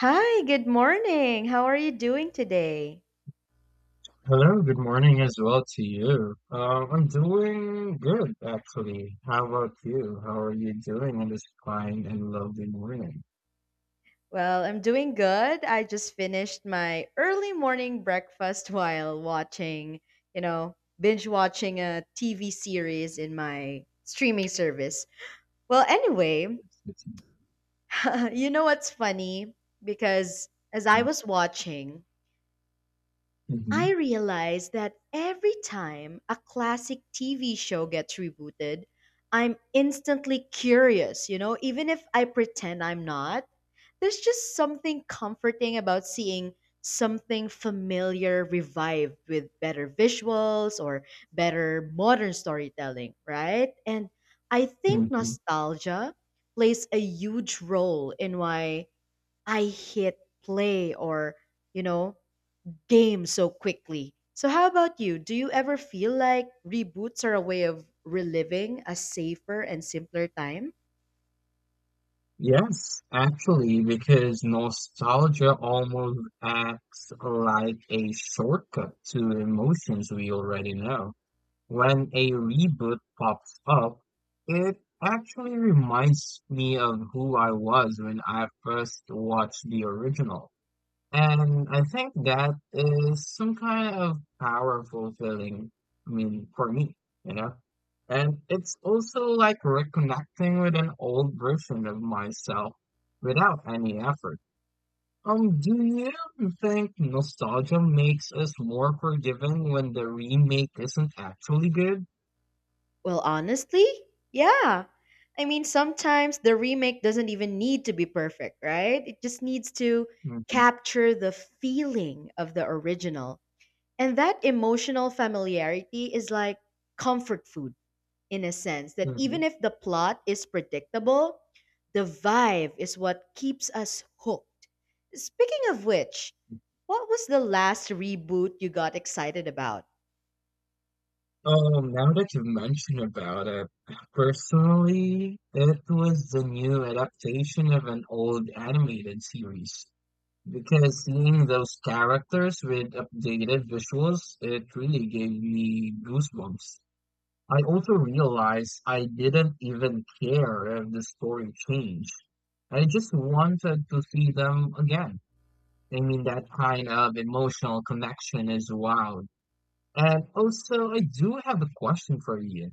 Hi, good morning. How are you doing today? Hello, good morning as well to you. I'm doing good, actually. How about you? How are you doing on this fine and lovely morning? Well, I'm doing good. I just finished my early morning breakfast while watching, binge watching a TV series in my streaming service. Well, anyway, you know what's funny? Because as I was watching, Hmm. I realized that every time a classic TV show gets rebooted, I'm instantly curious, even if I pretend I'm not. There's just something comforting about seeing something familiar revived with better visuals or better modern storytelling, right? And I think Hmm. nostalgia plays a huge role in why I hit play or, you know, game so quickly. So, how about you? Do you ever feel like reboots are a way of reliving a safer and simpler time? Yes, actually, because nostalgia almost acts like a shortcut to emotions we already know. When a reboot pops up, it actually reminds me of who I was when I first watched the original. And I think that is some kind of powerful feeling, I mean, for me, you know? And it's also like reconnecting with an old version of myself without any effort. Do you think nostalgia makes us more forgiving when the remake isn't actually good? Well, honestly, yeah. I mean, sometimes the remake doesn't even need to be perfect, right? It just needs to Hmm. capture the feeling of the original. And that emotional familiarity is like comfort food in a sense that even if the plot is predictable, the vibe is what keeps us hooked. Speaking of which, what was the last reboot you got excited about? Now that you mention about it, personally, it was the new adaptation of an old animated series. Because seeing those characters with updated visuals, it really gave me goosebumps. I also realized I didn't even care if the story changed. I just wanted to see them again. I mean, that kind of emotional connection is wild. And also, I do have a question for you.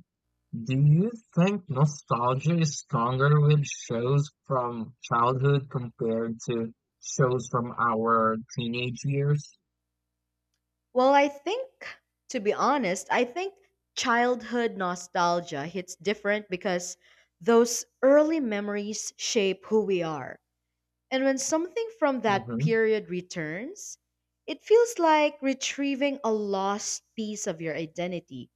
Do you think nostalgia is stronger with shows from childhood compared to shows from our teenage years? Well, I think, to be honest, I think childhood nostalgia hits different because those early memories shape who we are. And when something from that Mm-hmm. period returns, it feels like retrieving a lost piece of your identity.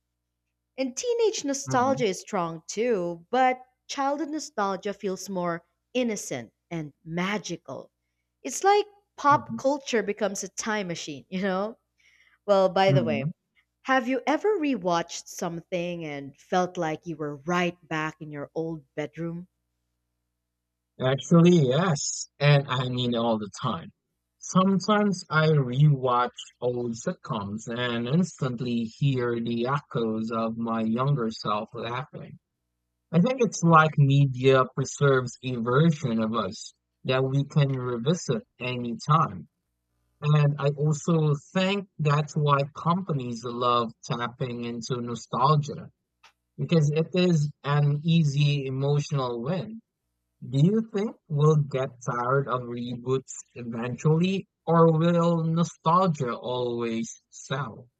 And teenage Mm-hmm. nostalgia is strong too, but childhood nostalgia feels more innocent and magical. It's like Mm-hmm. pop culture becomes a time machine, you know? Well, by the Mm-hmm. way, have you ever rewatched something and felt like you were right back in your old bedroom? Actually, yes. And I mean all the time. Sometimes I rewatch old sitcoms and instantly hear the echoes of my younger self laughing. I think it's like media preserves a version of us that we can revisit anytime. And I also think that's why companies love tapping into nostalgia because it is an easy emotional win. Do you think we'll get tired of reboots eventually, or will nostalgia always sell?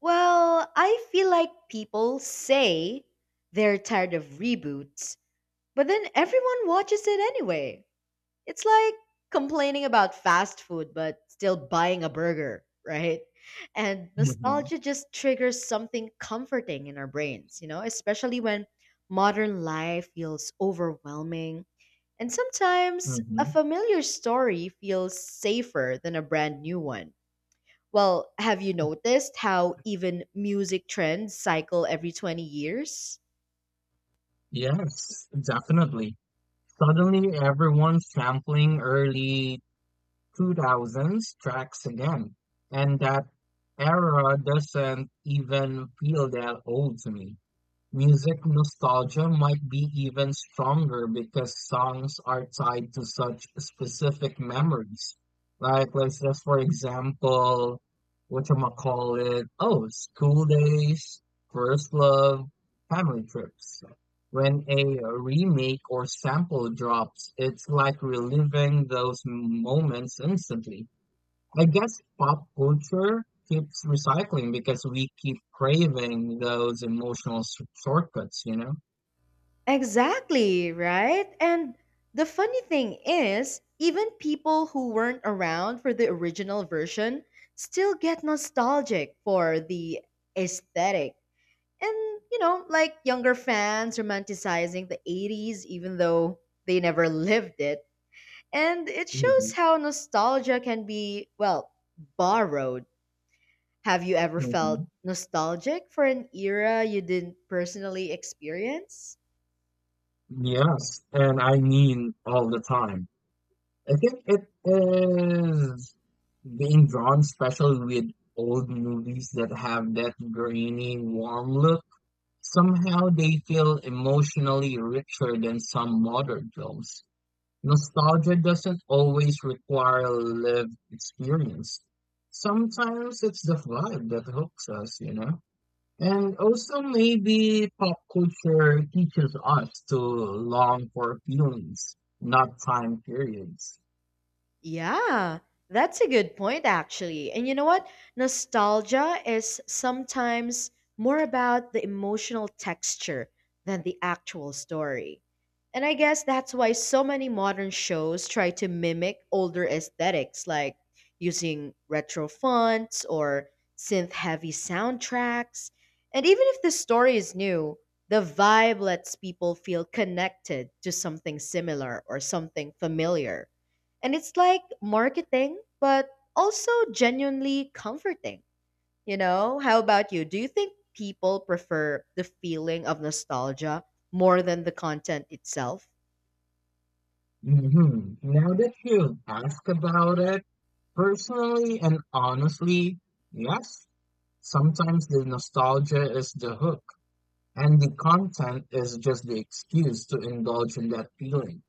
Well, I feel like people say they're tired of reboots, but then everyone watches it anyway. It's like complaining about fast food but still buying a burger, right? And Hmm. nostalgia just triggers something comforting in our brains, especially when modern life feels overwhelming. And sometimes a Hmm. familiar story feels safer than a brand new one. Well, have you noticed how even music trends cycle every 20 years? Yes, definitely. Suddenly, everyone's sampling early 2000s tracks again, and that era doesn't even feel that old to me. Music nostalgia might be even stronger because songs are tied to such specific memories. Like, let's just for example, whatchamacallit, oh, school days, first love, family trips. When a remake or sample drops, it's like reliving those moments instantly. I guess pop culture keeps recycling because we keep craving those emotional shortcuts, you know? Exactly, right? And the funny thing is, even people who weren't around for the original version still get nostalgic for the aesthetic. And, like younger fans romanticizing the 80s, even though they never lived it. And it shows Hmm. how nostalgia can be, well, borrowed. Have you ever felt Hmm. nostalgic for an era you didn't personally experience? Yes, and I mean all the time. I think it is being drawn special with old movies that have that grainy, warm look. Somehow they feel emotionally richer than some modern films. Nostalgia doesn't always require a lived experience. Sometimes it's the vibe that hooks us, you know? And also, maybe pop culture teaches us to long for feelings, not time periods. Yeah, that's a good point, actually. And you know what? Nostalgia is sometimes more about the emotional texture than the actual story. And I guess that's why so many modern shows try to mimic older aesthetics, like using retro fonts or synth heavy soundtracks. And even if the story is new, the vibe lets people feel connected to something similar or something familiar. And it's like marketing, but also genuinely comforting. How about you? Do you think people prefer the feeling of nostalgia more than the content itself? Hmm. Now that you ask about it, personally and honestly, yes, sometimes the nostalgia is the hook, and the content is just the excuse to indulge in that feeling.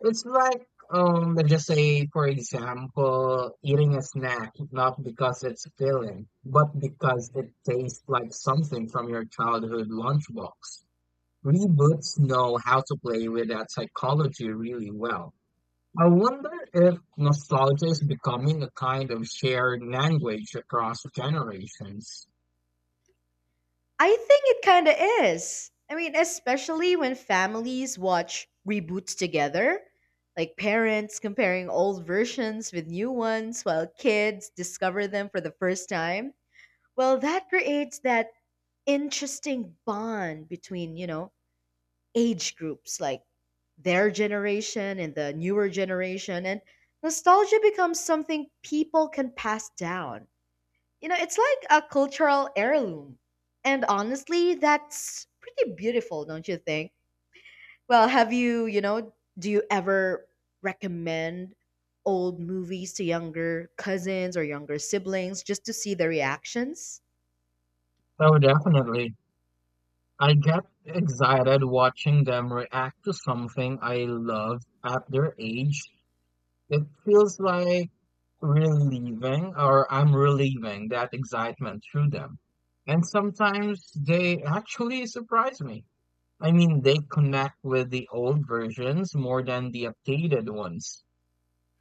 It's like, let's just say, for example, eating a snack, not because it's filling, but because it tastes like something from your childhood lunchbox. Reboots know how to play with that psychology really well. I wonder if nostalgia is becoming a kind of shared language across generations. I think it kind of is. I mean, especially when families watch reboots together, like parents comparing old versions with new ones while kids discover them for the first time. Well, that creates that interesting bond between, age groups like their generation and the newer generation, and nostalgia becomes something people can pass down. It's like a cultural heirloom. And honestly, that's pretty beautiful, don't you think? Well, have you, you know, do you ever recommend old movies to younger cousins or younger siblings just to see their reactions? Oh, definitely. I get excited watching them react to something I love at their age. It feels like relieving or I'm relieving that excitement through them. And sometimes they actually surprise me. I mean, they connect with the old versions more than the updated ones.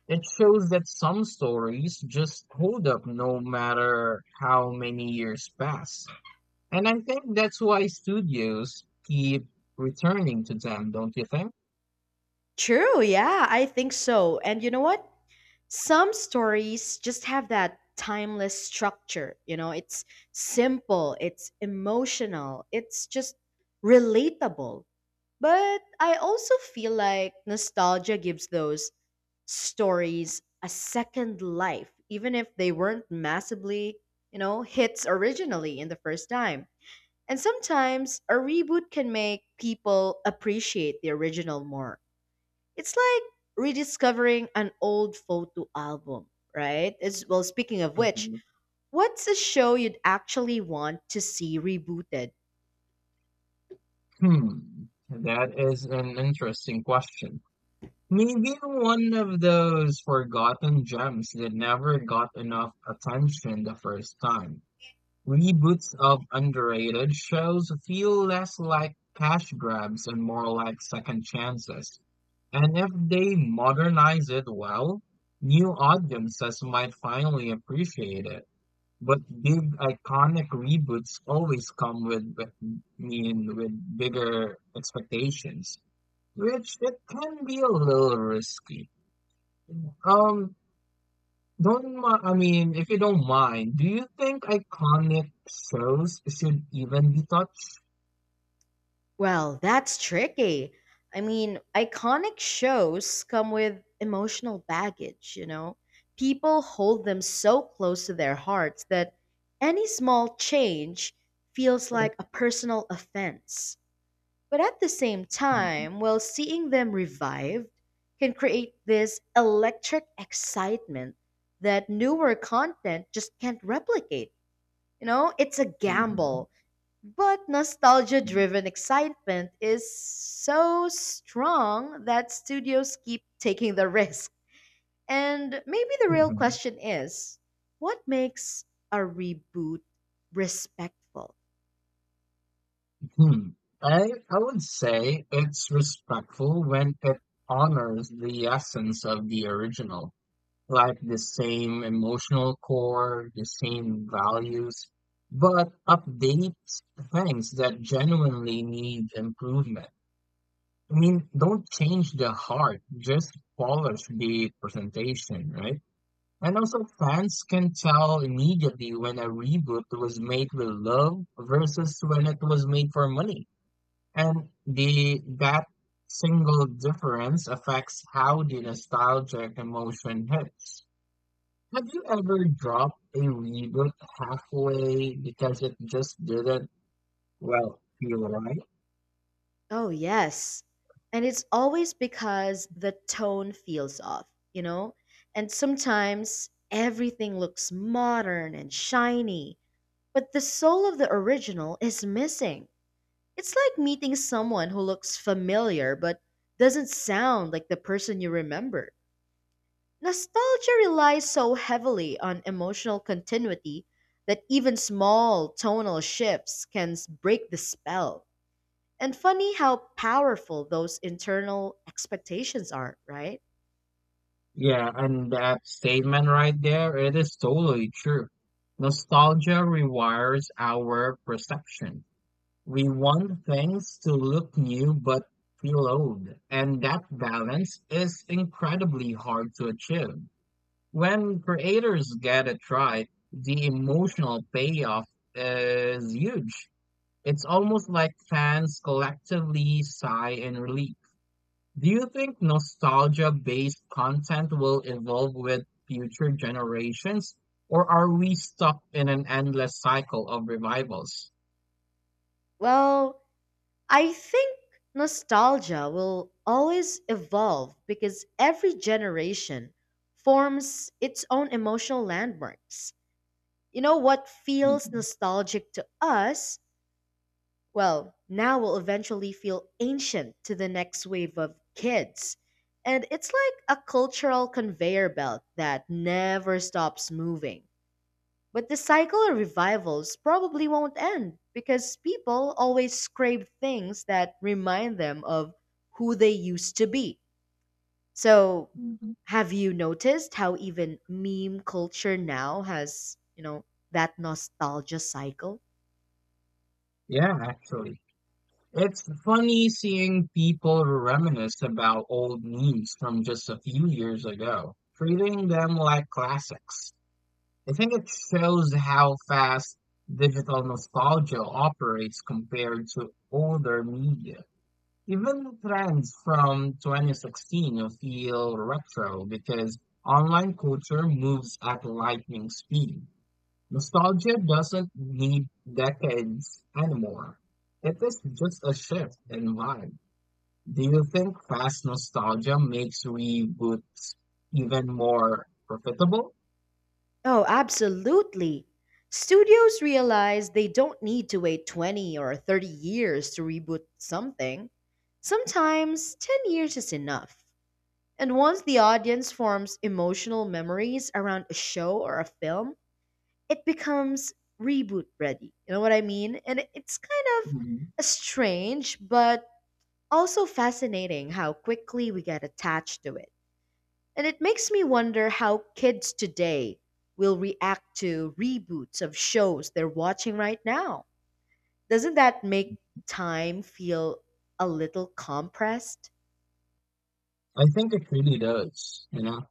It shows that some stories just hold up no matter how many years pass. And I think that's why studios keep returning to them, don't you think? True, yeah, I think so. And you know what? Some stories just have that timeless structure you know it's simple, it's emotional, it's just relatable. But I also feel like nostalgia gives those stories a second life even if they weren't massively hits originally in the first time. And sometimes a reboot can make people appreciate the original more. It's like rediscovering an old photo album, right? It's, well, speaking of which, Mhm. what's a show you'd actually want to see rebooted? Hmm. That is an interesting question. Maybe one of those forgotten gems that never got enough attention the first time. Reboots of underrated shows feel less like cash grabs and more like second chances. And if they modernize it well, new audiences might finally appreciate it. But big iconic reboots always come with, mean, with bigger expectations, which it can be a little risky. Um, don't mi- I mean, if you don't mind, do you think iconic shows should even be touched? Well, that's tricky. I mean, iconic shows come with emotional baggage, you know? People hold them so close to their hearts that any small change feels like a personal offense. But at the same Mhm. time, well, seeing them revived can create this electric excitement that newer content just can't replicate. It's a Mhm. gamble, but nostalgia Mhm. driven excitement is so strong that studios keep taking the risk. And maybe the real Mhm. question is, what makes a reboot respectful? Hmm. I I would say it's respectful when it honors the essence of the original, like the same emotional core, the same values, but updates things that genuinely need improvement. I mean, don't change the heart, just polish the presentation, right? And also, fans can tell immediately when a reboot was made with love versus when it was made for money. And the that single difference affects how the nostalgic emotion hits. Have you ever dropped a reboot halfway because it just didn't, well, feel right? Oh, yes. And it's always because the tone feels off, you know? And sometimes everything looks modern and shiny, but the soul of the original is missing. It's like meeting someone who looks familiar but doesn't sound like the person you remember. Nostalgia relies so heavily on emotional continuity that even small tonal shifts can break the spell. And funny how powerful those internal expectations are, right? Yeah, and that statement right there, it is totally true. Nostalgia rewires our perception. We want things to look new but feel old, and that balance is incredibly hard to achieve. When creators get it right, the emotional payoff is huge. It's almost like fans collectively sigh in relief. Do you think nostalgia-based content will evolve with future generations, or are we stuck in an endless cycle of revivals? Well, I think nostalgia will always evolve because every generation forms its own emotional landmarks. What feels Mhm. nostalgic to us, well, now will eventually feel ancient to the next wave of kids. And it's like a cultural conveyor belt that never stops moving. But the cycle of revivals probably won't end because people always scrape things that remind them of who they used to be. So, Mhm. have you noticed how even meme culture now has, that nostalgia cycle? Yeah, actually. It's funny seeing people reminisce about old memes from just a few years ago, treating them like classics. I think it shows how fast digital nostalgia operates compared to older media. Even trends from 2016 feel retro because online culture moves at lightning speed. Nostalgia doesn't need decades anymore. It is just a shift in vibe. Do you think fast nostalgia makes reboots even more profitable? Oh, absolutely. Studios realize they don't need to wait 20 or 30 years to reboot something. Sometimes 10 years is enough. And once the audience forms emotional memories around a show or a film, it becomes reboot ready. You know what I mean? And it's kind of a strange but also fascinating how quickly we get attached to it. And it makes me wonder how kids today will react to reboots of shows they're watching right now. Doesn't that make time feel a little compressed? I think it really does, you know.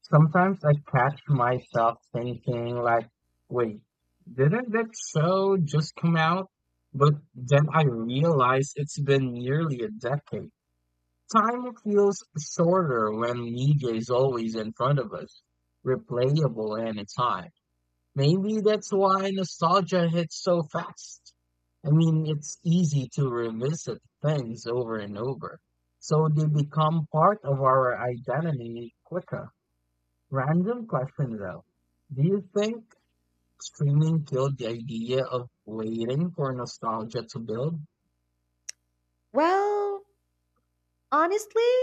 Sometimes I catch myself thinking like, wait, didn't that show just come out? But then I realize it's been nearly a decade. Time feels shorter when media is always in front of us, replayable anytime. Maybe that's why nostalgia hits so fast. I mean, it's easy to revisit things over and over, so they become part of our identity quicker. Random question though. Do you think streaming killed the idea of waiting for nostalgia to build? Well, honestly,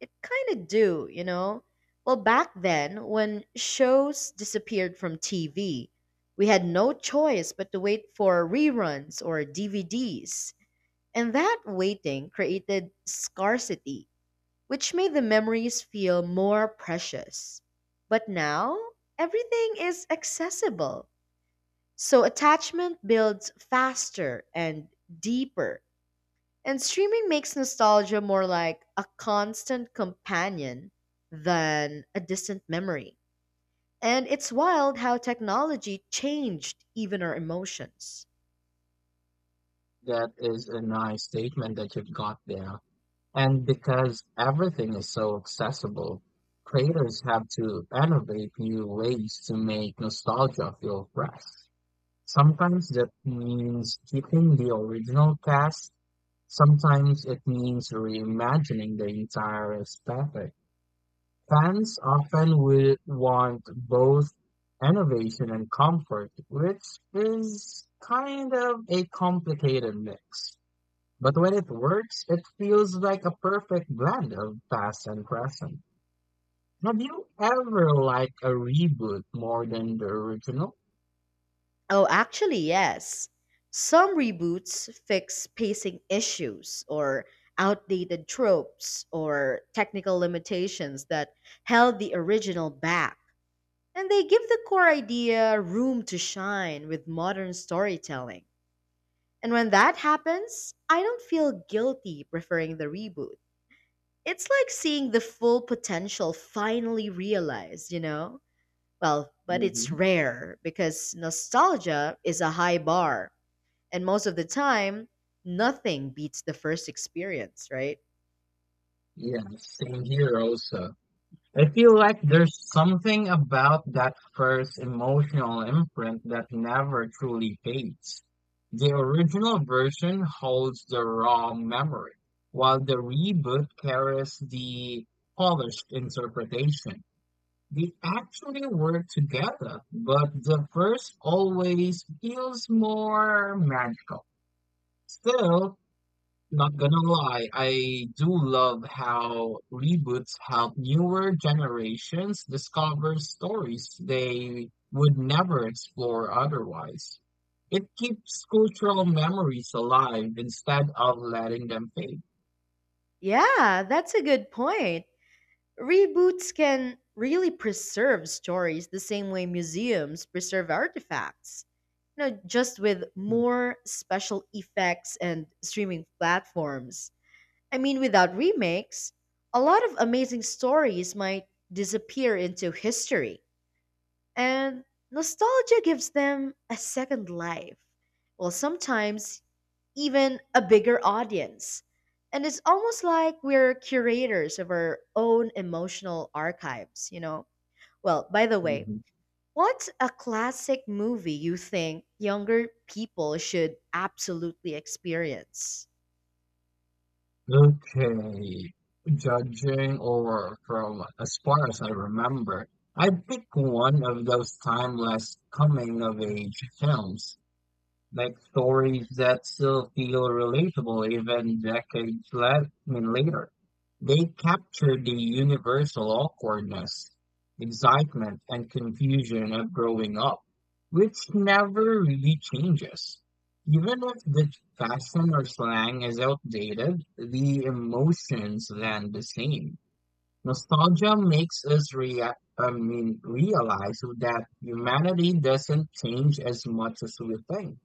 it kind of do, you know? Well, back then, when shows disappeared from TV, we had no choice but to wait for reruns or DVDs. And that waiting created scarcity, which made the memories feel more precious. But now, everything is accessible. So attachment builds faster and deeper. And streaming makes nostalgia more like a constant companion than a distant memory. And it's wild how technology changed even our emotions. That is a nice statement that you've got there. And because everything is so accessible, creators have to innovate new ways to make nostalgia feel fresh. Sometimes that means keeping the original cast, sometimes it means reimagining the entire aesthetic. Fans often will want both innovation and comfort, which is kind of a complicated mix. But when it works, it feels like a perfect blend of past and present. Have you ever liked a reboot more than the original Oh, actually, yes. Some reboots fix pacing issues or outdated tropes or technical limitations that held the original back. And they give the core idea room to shine with modern storytelling. And when that happens, I don't feel guilty preferring the reboot. It's like seeing the full potential finally realized, you know? Well, but it's movie? rare because nostalgia is a high bar. And most of the time, nothing beats the first experience, right? Yeah, same here also. I feel like there's something about that first emotional imprint that never truly fades. The original version holds the raw memory, while the reboot carries the polished interpretation. They actually work together, but the first always feels more magical. Still, not gonna lie, I do love how reboots help newer generations discover stories they would never explore otherwise. It keeps cultural memories alive instead of letting them fade. Yeah, that's a good point. Reboots can really preserve stories the same way museums preserve artifacts, just with more special effects and streaming platforms. I mean, without remakes, a lot of amazing stories might disappear into history, and nostalgia gives them a second life. Well, sometimes even a bigger audience. And it's almost like we're curators of our own emotional archives, you know? Well, by the way, Mhm. what's a classic movie you think younger people should absolutely experience? Okay, judging or from as far as I remember, I'd pick one of those timeless coming of age films like stories that still feel relatable even decades I mean, later. They capture the universal awkwardness, excitement, and confusion of growing up, which never really changes. Even if the fashion or slang is outdated, the emotions land the same. Nostalgia makes us I mean, realize that humanity doesn't change as much as we think.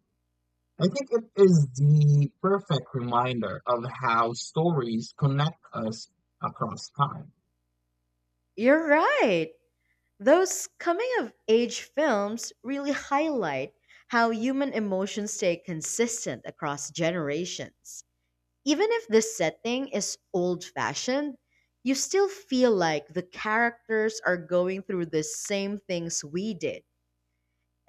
I think it is the perfect reminder of how stories connect us across time. You're right. Those coming of age films really highlight how human emotions stay consistent across generations. Even if the setting is old fashioned, you still feel like the characters are going through the same things we did.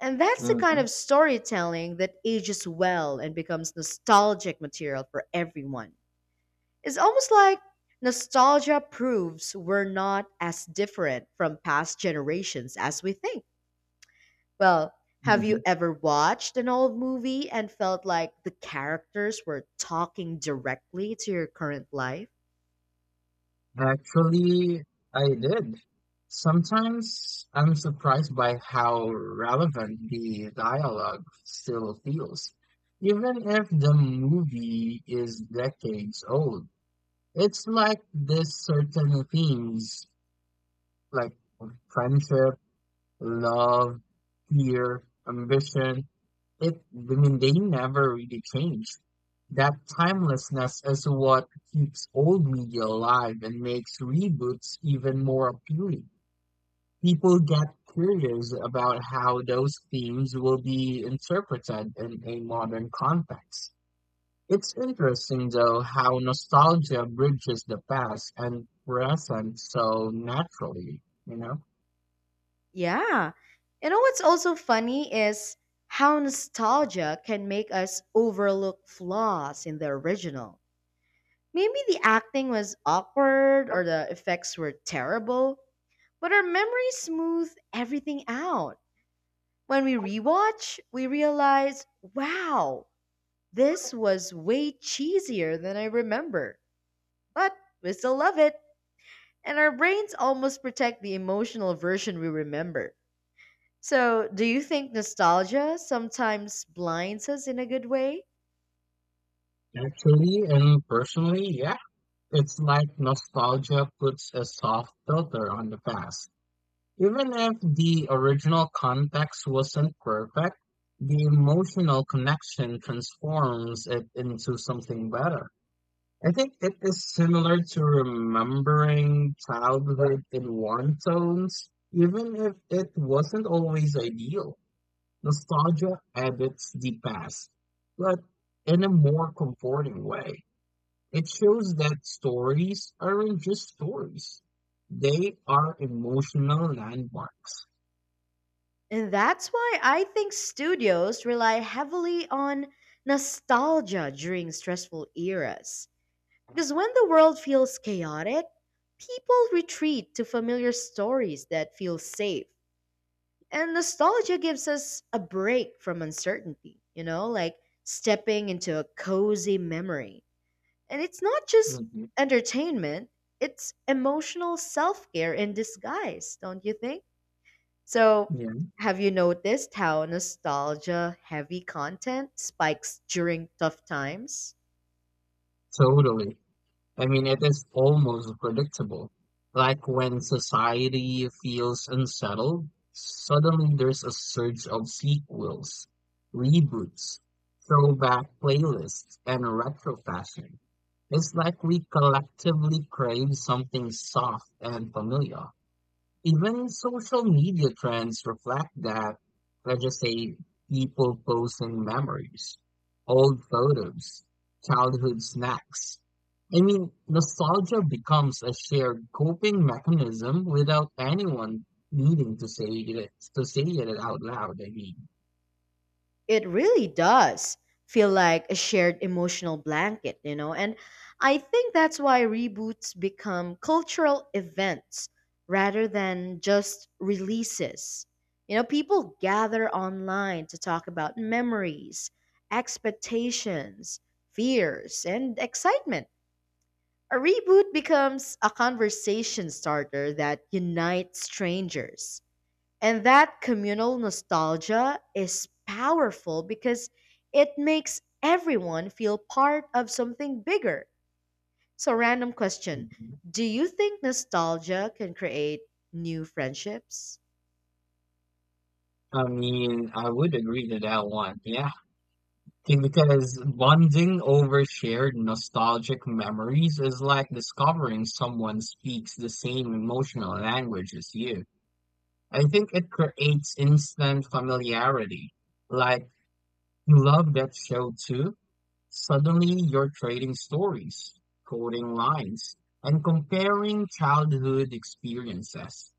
And that's the kind Mm-hmm. of storytelling that ages well and becomes nostalgic material for everyone. It's almost like nostalgia proves we're not as different from past generations as we think. Well, have you Mm-hmm. ever watched an old movie and felt like the characters were talking directly to your current life? Actually, I did. Sometimes I'm surprised by how relevant the dialogue still feels. Even if the movie is decades old, it's like this certain themes like friendship, love, fear, ambition. It, I mean, they never really change. That timelessness is what keeps old media alive and makes reboots even more appealing. People get curious about how those themes will be interpreted in a modern context. It's interesting, though, how nostalgia bridges the past and present so naturally, you know? Yeah. You know what's also funny is how nostalgia can make us overlook flaws in the original. Maybe the acting was awkward or the effects were terrible, but our memory smoothed everything out. When we rewatch, we realize, wow, this was way cheesier than I remember. But we still love it, and our brains almost protect the emotional version we remember. So, do you think nostalgia sometimes blinds us in a good way? Actually and personally, yeah. It's like nostalgia puts a soft filter on the past. Even if the original context wasn't perfect, the emotional connection transforms it into something better. I think it is similar to remembering childhood in warm tones, even if it wasn't always ideal. Nostalgia edits the past, but in a more comforting way. It shows that stories aren't just stories. They are emotional landmarks. And that's why I think studios rely heavily on nostalgia during stressful eras. Because when the world feels chaotic, people retreat to familiar stories that feel safe. And nostalgia gives us a break from uncertainty, like stepping into a cozy memory. And it's not just Mhm. entertainment, it's emotional self care in disguise, don't you think? So, Yeah, have you noticed how nostalgia heavy content spikes during tough times? totally. I mean, it is almost predictable. Like when society feels unsettled, suddenly there's a surge of sequels, reboots, throwback playlists, and retro fashion. It's like we collectively crave something soft and familiar. Even social media trends reflect that, let's just say, people posting memories, old photos, childhood snacks. I mean, nostalgia becomes a shared coping mechanism without anyone needing to say it out loud. I mean, It really does feel like a shared emotional blanket, you know? And I think that's why reboots become cultural events rather than just releases. People gather online to talk about memories, expectations, fears, and excitement. A reboot becomes a conversation starter that unites strangers. And that communal nostalgia is powerful because it makes everyone feel part of something bigger. So, random question. mhm. Do you think nostalgia can create new friendships? I mean, I would agree to that one. Yeah. Think because bonding over shared nostalgic memories is like discovering someone speaks the same emotional language as you. I think it creates instant familiarity. Like, you love that show too. Suddenly you're trading stories, quoting lines, and comparing childhood experiences.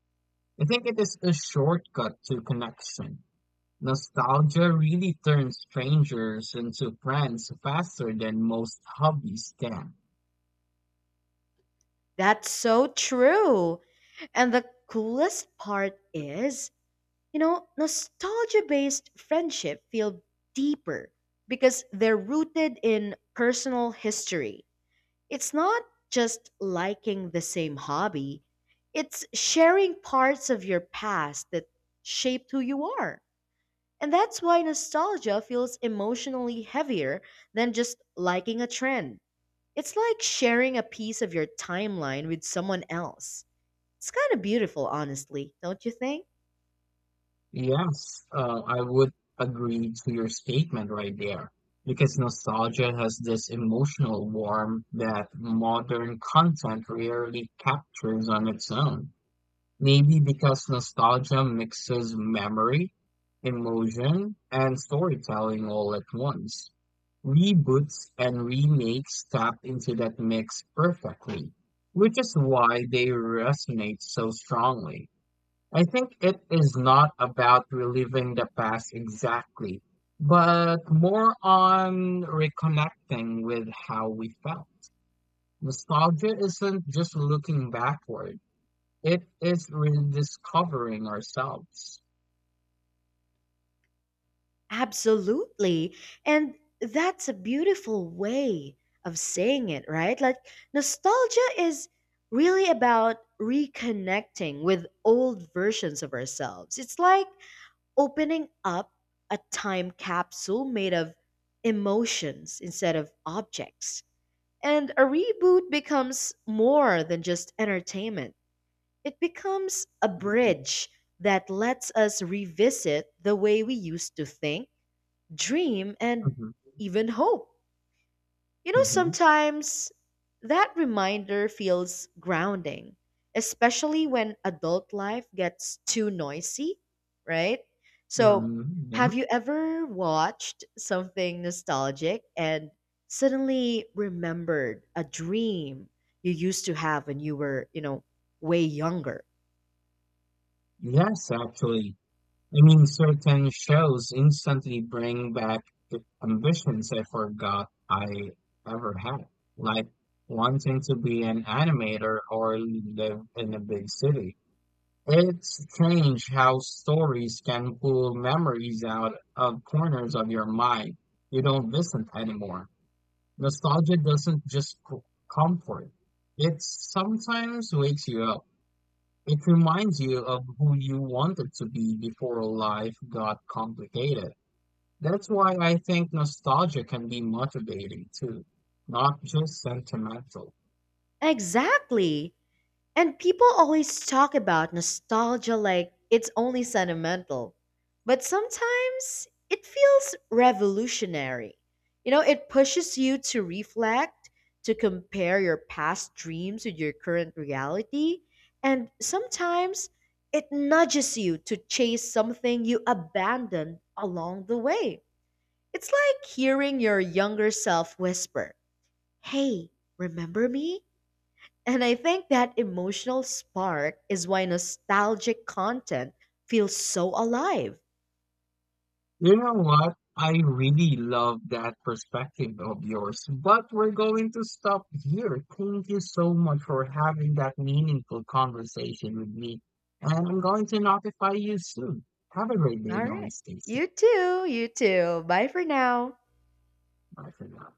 I think it is a shortcut to connection. Nostalgia really turns strangers into friends faster than most hobbies can. That's so true. And the coolest part is, nostalgia based friendship feel deeper because they're rooted in personal history. It's not just liking the same hobby, it's sharing parts of your past that shaped who you are. And that's why nostalgia feels emotionally heavier than just liking a trend. It's like sharing a piece of your timeline with someone else. It's kind of beautiful, honestly, don't you think? Yes, I would agree to your statement right there, because nostalgia has this emotional warmth that modern content rarely captures on its own. Maybe because nostalgia mixes memory, emotion, and storytelling all at once. Reboots and remakes tap into that mix perfectly, which is why they resonate so strongly. I think it is not about reliving the past exactly, but more on reconnecting with how we felt. Nostalgia isn't just looking backward. It is rediscovering ourselves. Absolutely. And that's a beautiful way of saying it, right? Like, nostalgia is really about reconnecting with old versions of ourselves. It's like opening up a time capsule made of emotions instead of objects. And a reboot becomes more than just entertainment, it becomes a Mhm. bridge that lets us revisit the way we used to think, dream, and Mhm. even hope. You know, Mhm. sometimes that reminder feels grounding, especially when adult life gets too noisy, right? So, Mhm. Yeah. have you ever watched something nostalgic and suddenly remembered a dream you used to have when you were, way younger? Yes, actually. I mean, certain shows instantly bring back the ambitions I forgot I ever had, like wanting to be an animator or live in a big city. It's strange how stories can pull memories out of corners of your mind you don't visit anymore. Nostalgia doesn't just comfort, it sometimes wakes you up. It reminds you of who you wanted to be before life got complicated. That's why I think nostalgia can be motivating too, not just sentimental. Exactly. And people always talk about nostalgia like it's only sentimental. But sometimes it feels revolutionary. You know, it pushes you to reflect, to compare your past dreams with your current reality, and sometimes it nudges you to chase something you abandoned along the way. It's like hearing your younger self whisper, "Hey, remember me?" And I think that emotional spark is why nostalgic content feels so alive. You know what? I really love that perspective of yours, but we're going to stop here. Thank you so much for having that meaningful conversation with me. And I'm going to notify you soon. Have a great day All and right. always stay safe. You too. You too. Bye for now. Bye for now.